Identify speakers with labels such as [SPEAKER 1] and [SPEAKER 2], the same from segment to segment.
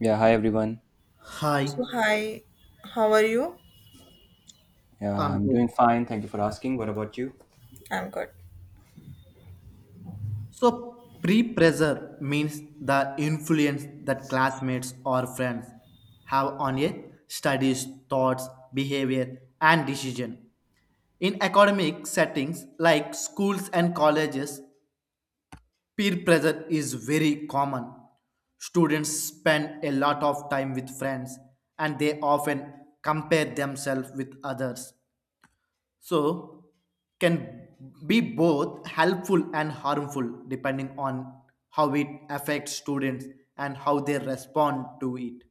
[SPEAKER 1] Yeah, hi everyone.
[SPEAKER 2] Hi,
[SPEAKER 3] So, hi, how are you?
[SPEAKER 1] Yeah,
[SPEAKER 2] I'm
[SPEAKER 1] I'm
[SPEAKER 2] good.
[SPEAKER 1] doing fine. Thank you for asking. What about you?
[SPEAKER 3] I'm good.
[SPEAKER 2] So, pre pressure means the influence that classmates or friends have on a studies, thoughts, behavior, and decision. In academic settings like schools and colleges, peer pressure is very common. Students spend a lot of time with friends and they often compare themselves with others. So can be both helpful and harmful depending on how it affects students and how they respond to it.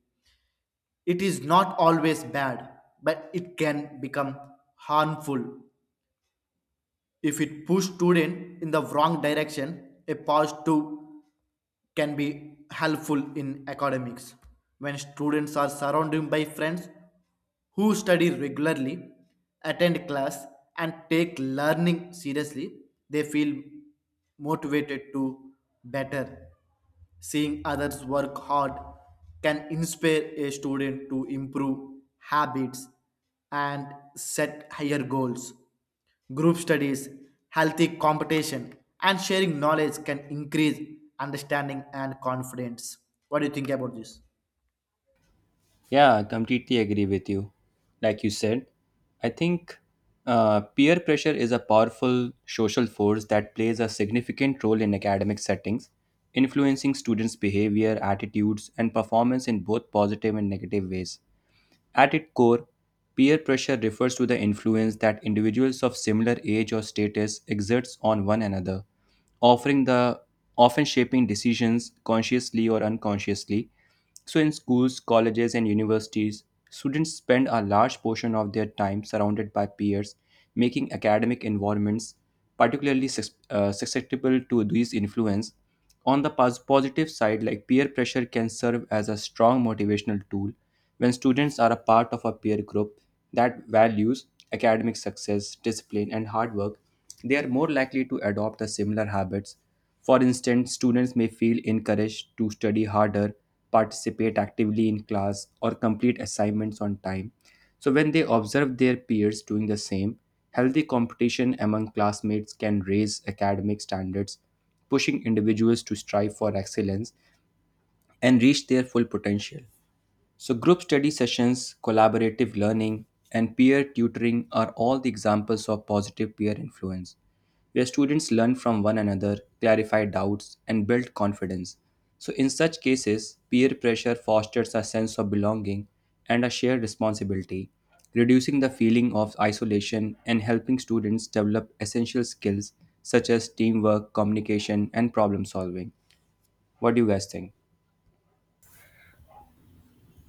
[SPEAKER 2] It is not always bad, but it can become harmful if it push student in the wrong direction, a pause too can be helpful in academics. When students are surrounded by friends who study regularly, attend class, and take learning seriously, they feel motivated to better. Seeing others work hard can inspire a student to improve habits and set higher goals. Group studies, healthy competition, and sharing knowledge can increase understanding and confidence. What do you think about this?
[SPEAKER 1] Yeah, I completely agree with you. Like you said, I think peer pressure is a powerful social force that plays a significant role in academic settings, influencing students' behavior, attitudes, and performance in both positive and negative ways. At its core, peer pressure refers to the influence that individuals of similar age or status exerts on one another, offering the often shaping decisions consciously or unconsciously. So, in schools, colleges, and universities, students spend a large portion of their time surrounded by peers, making academic environments particularly susceptible to these influence. On the positive side, like peer pressure can serve as a strong motivational tool when students are a part of a peer group that values academic success, discipline, and hard work. They are more likely to adopt the similar habits for instance, students may feel encouraged to study harder, participate actively in class, or complete assignments on time. So, when they observe their peers doing the same, healthy competition among classmates can raise academic standards, pushing individuals to strive for excellence and reach their full potential. So, group study sessions, collaborative learning, and peer tutoring are all the examples of positive peer influence where students learn from one another, clarify doubts, and build confidence. So, in such cases, peer pressure fosters a sense of belonging and a shared responsibility, reducing the feeling of isolation and helping students develop essential skills such as teamwork, communication, and problem solving. What do you guys think?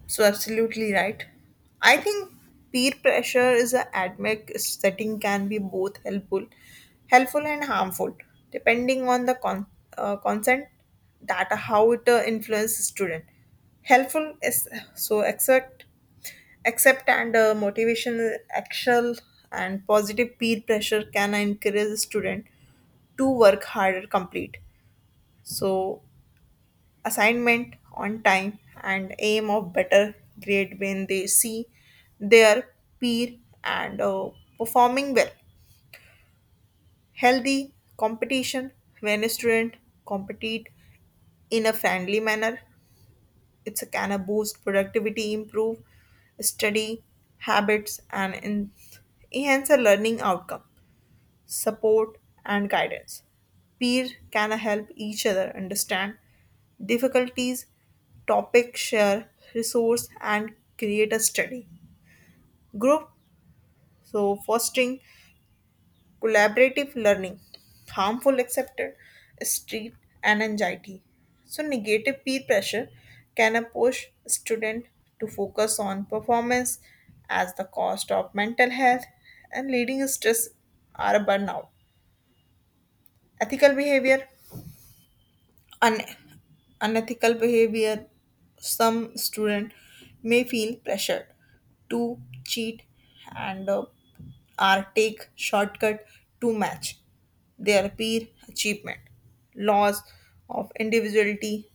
[SPEAKER 3] So, absolutely right. I think peer pressure is a academic setting can be both helpful and harmful, depending on the consent that how it influences student. Helpful is so accept and motivation, actual and positive peer pressure can encourage student to work harder, complete. So assignment on time and aim of better grade when they see their peer and performing well healthy competition when a student compete in a friendly manner it's a can of boost productivity improve study habits and enhance a learning outcome support, and guidance. Peer can help each other understand difficulties, topic share, resource, and create a study group. So, fostering collaborative learning, harmful accepted, street, and anxiety. So, negative peer pressure can push student to focus on performance as the cost of mental health and leading stress or burnout. Ethical behavior un- unethical behavior, some student may feel pressured to cheat and or take shortcut to match their peer achievement. Loss of individuality,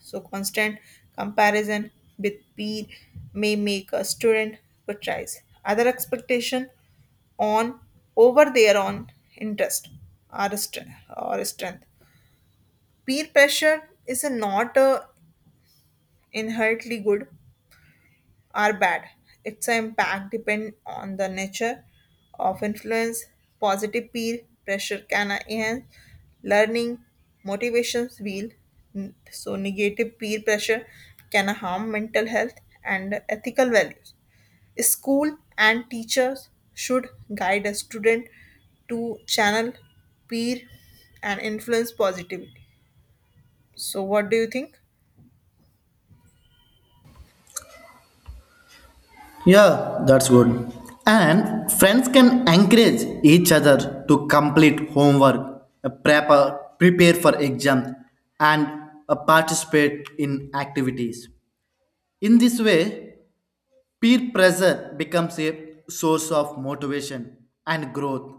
[SPEAKER 3] so constant comparison with peer may make a student prioritize other expectation on over their own interest or, or strength peer pressure is a not a inherently good or bad. Its impact depends on the nature of influence. Positive peer pressure can enhance learning, motivation, will. So negative peer pressure can harm mental health and ethical values. School and teachers should guide a student to channel peer and influence positively. So what do you think?
[SPEAKER 2] Yeah, that's good. And friends can encourage each other to complete homework, prepare for exams, and participate in activities. In this way, peer pressure becomes a source of motivation and growth.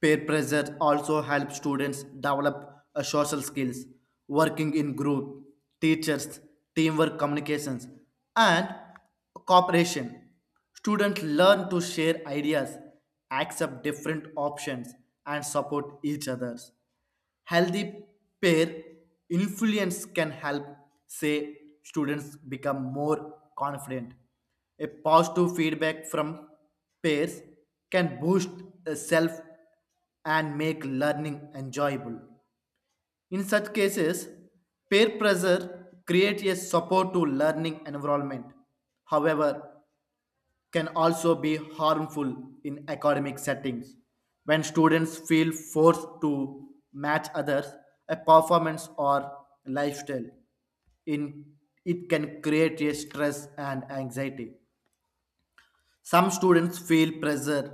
[SPEAKER 2] Peer pressure also helps students develop social skills, working in group, teachers, teamwork communications, and cooperation. Students learn to share ideas, accept different options, and support each other. Healthy peer influence can help, say, students become more confident. A positive feedback from peers can boost self and make learning enjoyable. In such cases, peer pressure creates a supportive learning environment. However, can also be harmful in academic settings when students feel forced to match others a performance or lifestyle in it can create a stress and anxiety. Some students feel pressure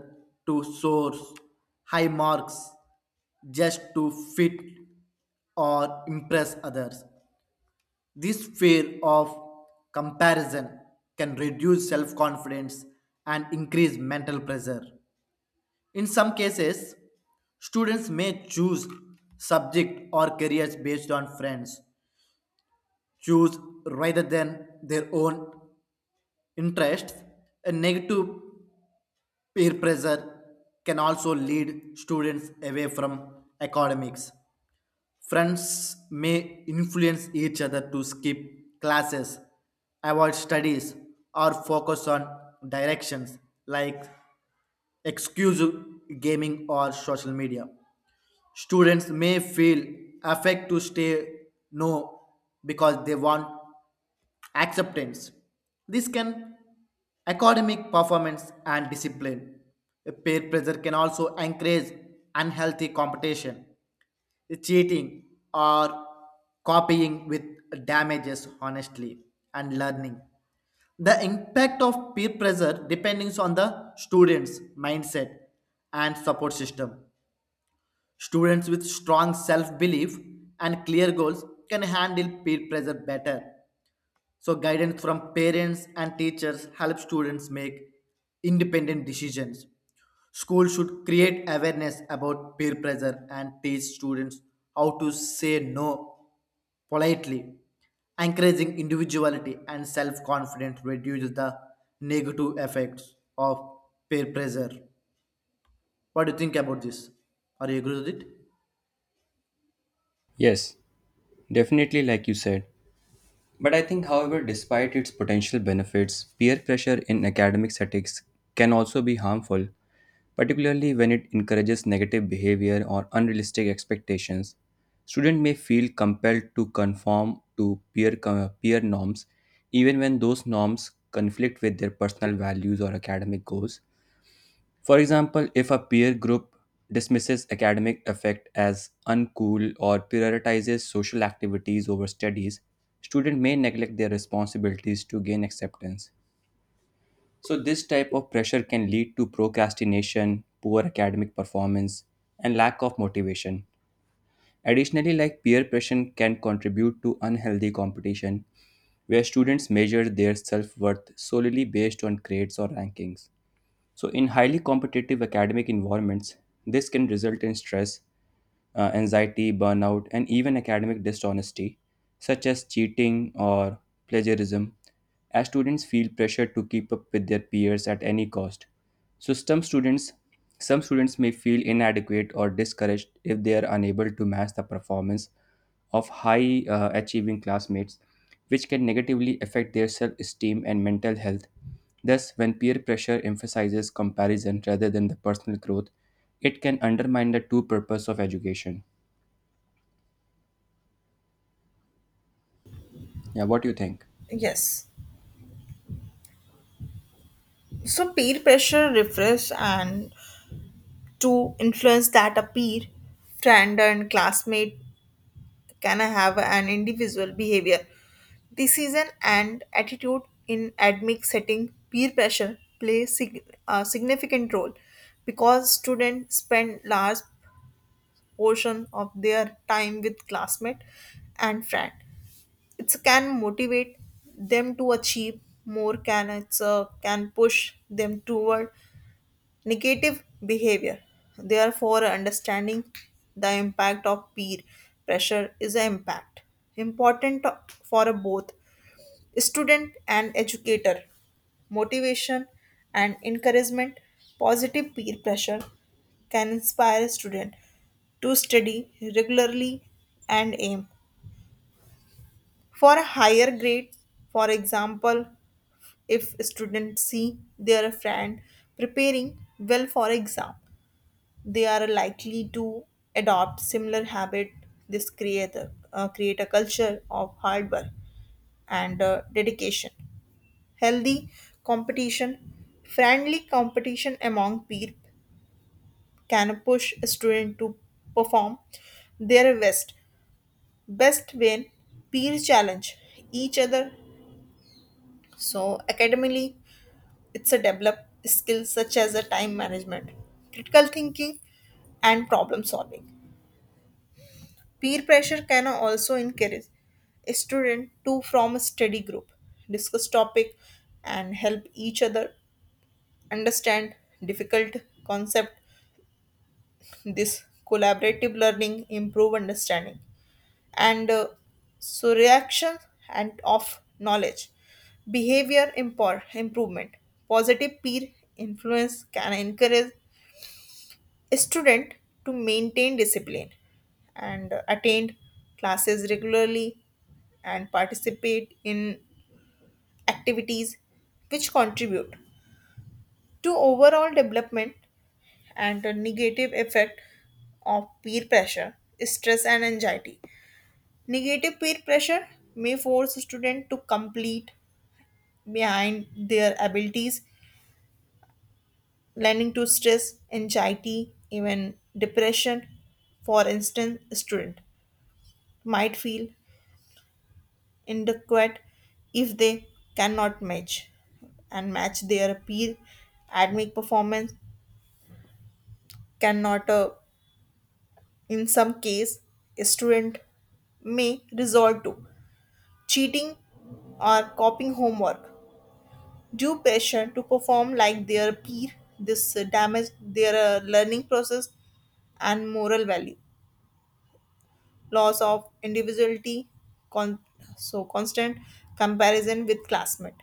[SPEAKER 2] to source high marks just to fit or impress others. This fear of comparison can reduce self confidence and increase mental pressure. In some cases, students may choose subject or careers based on friends, choose rather than their own interests. A negative peer pressure can also lead students away from academics. Friends may influence each other to skip classes, avoid studies, or focus on directions like exclusive gaming or social media. Students may feel affect to stay no because they want acceptance. This can academic performance and discipline. Peer pressure can also encourage unhealthy competition, cheating, or copying with damages honestly and learning. The impact of peer pressure depends on the students mindset and support system. Students with strong self belief and clear goals can handle peer pressure better, so guidance from parents and teachers help students make independent decisions. Schools should create awareness about peer pressure and teach students how to say no politely. Encouraging individuality and self confidence reduces the negative effects of peer pressure. What do you think about this? Are you agree with it?
[SPEAKER 1] Yes, definitely, like you said. But I think, however, despite its potential benefits, peer pressure in academic settings can also be harmful particularly when it encourages negative behavior or unrealistic expectations. Students may feel compelled to conform to peer norms, even when those norms conflict with their personal values or academic goals. For example, if a peer group dismisses academic effect as uncool or prioritizes social activities over studies, students may neglect their responsibilities to gain acceptance. So, this type of pressure can lead to procrastination, poor academic performance, and lack of motivation. Additionally, like peer pressure can contribute to unhealthy competition, where students measure their self worth solely based on grades or rankings. So, in highly competitive academic environments, this can result in stress, anxiety, burnout, and even academic dishonesty, such as cheating or plagiarism, as students feel pressure to keep up with their peers at any cost. So some students may feel inadequate or discouraged if they are unable to match the performance of high achieving classmates, which can negatively affect their self esteem and mental health. Thus, when peer pressure emphasizes comparison rather than the personal growth, it can undermine the true purpose of education. Yeah, what do you think?
[SPEAKER 3] Yes. So peer pressure refers and to influence that a peer, friend and classmate can have an individual behavior. Decision and attitude in academic setting, peer pressure plays a significant role because students spend large portion of their time with classmate and friend. It can motivate them to achieve more, can can push them toward negative behavior. Therefore, understanding the impact of peer pressure is an impact important for both student and educator. Motivation and encouragement, positive peer pressure can inspire student to study regularly and aim for a higher grade. For example, if students see their friend preparing well for exam, they are likely to adopt similar habit this create create a culture of hard work and dedication healthy competition friendly competition among peer can push a student to perform their best when peers challenge each other so academically it's a develop skills such as a time management critical thinking and problem solving Peer pressure can also encourage a student to form a study group, discuss topic and help each other understand difficult concept. This collaborative learning improve understanding and so reaction and of knowledge. Behavior improvement. Positive peer influence can encourage student to maintain discipline and attend classes regularly and participate in activities which contribute to overall development and the negative effect of peer pressure, stress, and anxiety. Negative peer pressure may force a student to complete behind their abilities, leading to stress, anxiety, even depression. For instance, student might feel inadequate if they cannot match their peer academic performance cannot in some case a student may resort to cheating or copying homework due pressure to perform like their peer this damage their learning process and moral value loss of individuality con- so constant comparison with classmate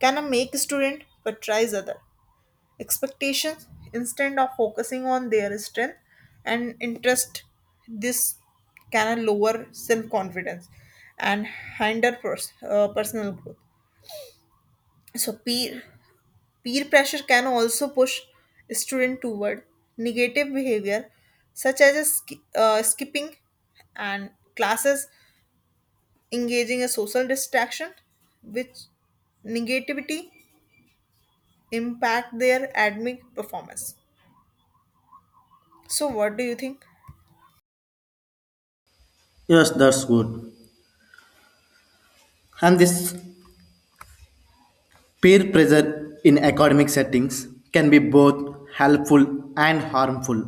[SPEAKER 3] Can a make a student patronize other expectations instead of focusing on their strength and interest? This can lower self confidence and hinder personal growth. So peer pressure can also push student toward negative behavior, such as a skipping and classes, engaging a social distraction, which negativity impact their academic performance. So, what do you think?
[SPEAKER 2] Yes, that's good. And this peer pressure in academic settings can be both helpful and harmful.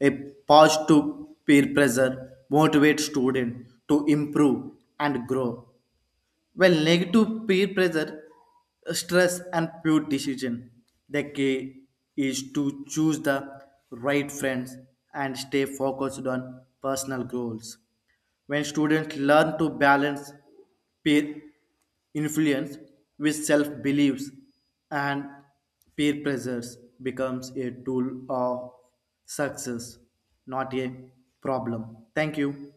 [SPEAKER 2] A positive peer pressure motivates students to improve and grow, while negative peer pressure stress and poor decision. The key is to choose the right friends and stay focused on personal goals. When students learn to balance peer influence with self-beliefs and peer pressures becomes a tool of success, not a problem. Thank you.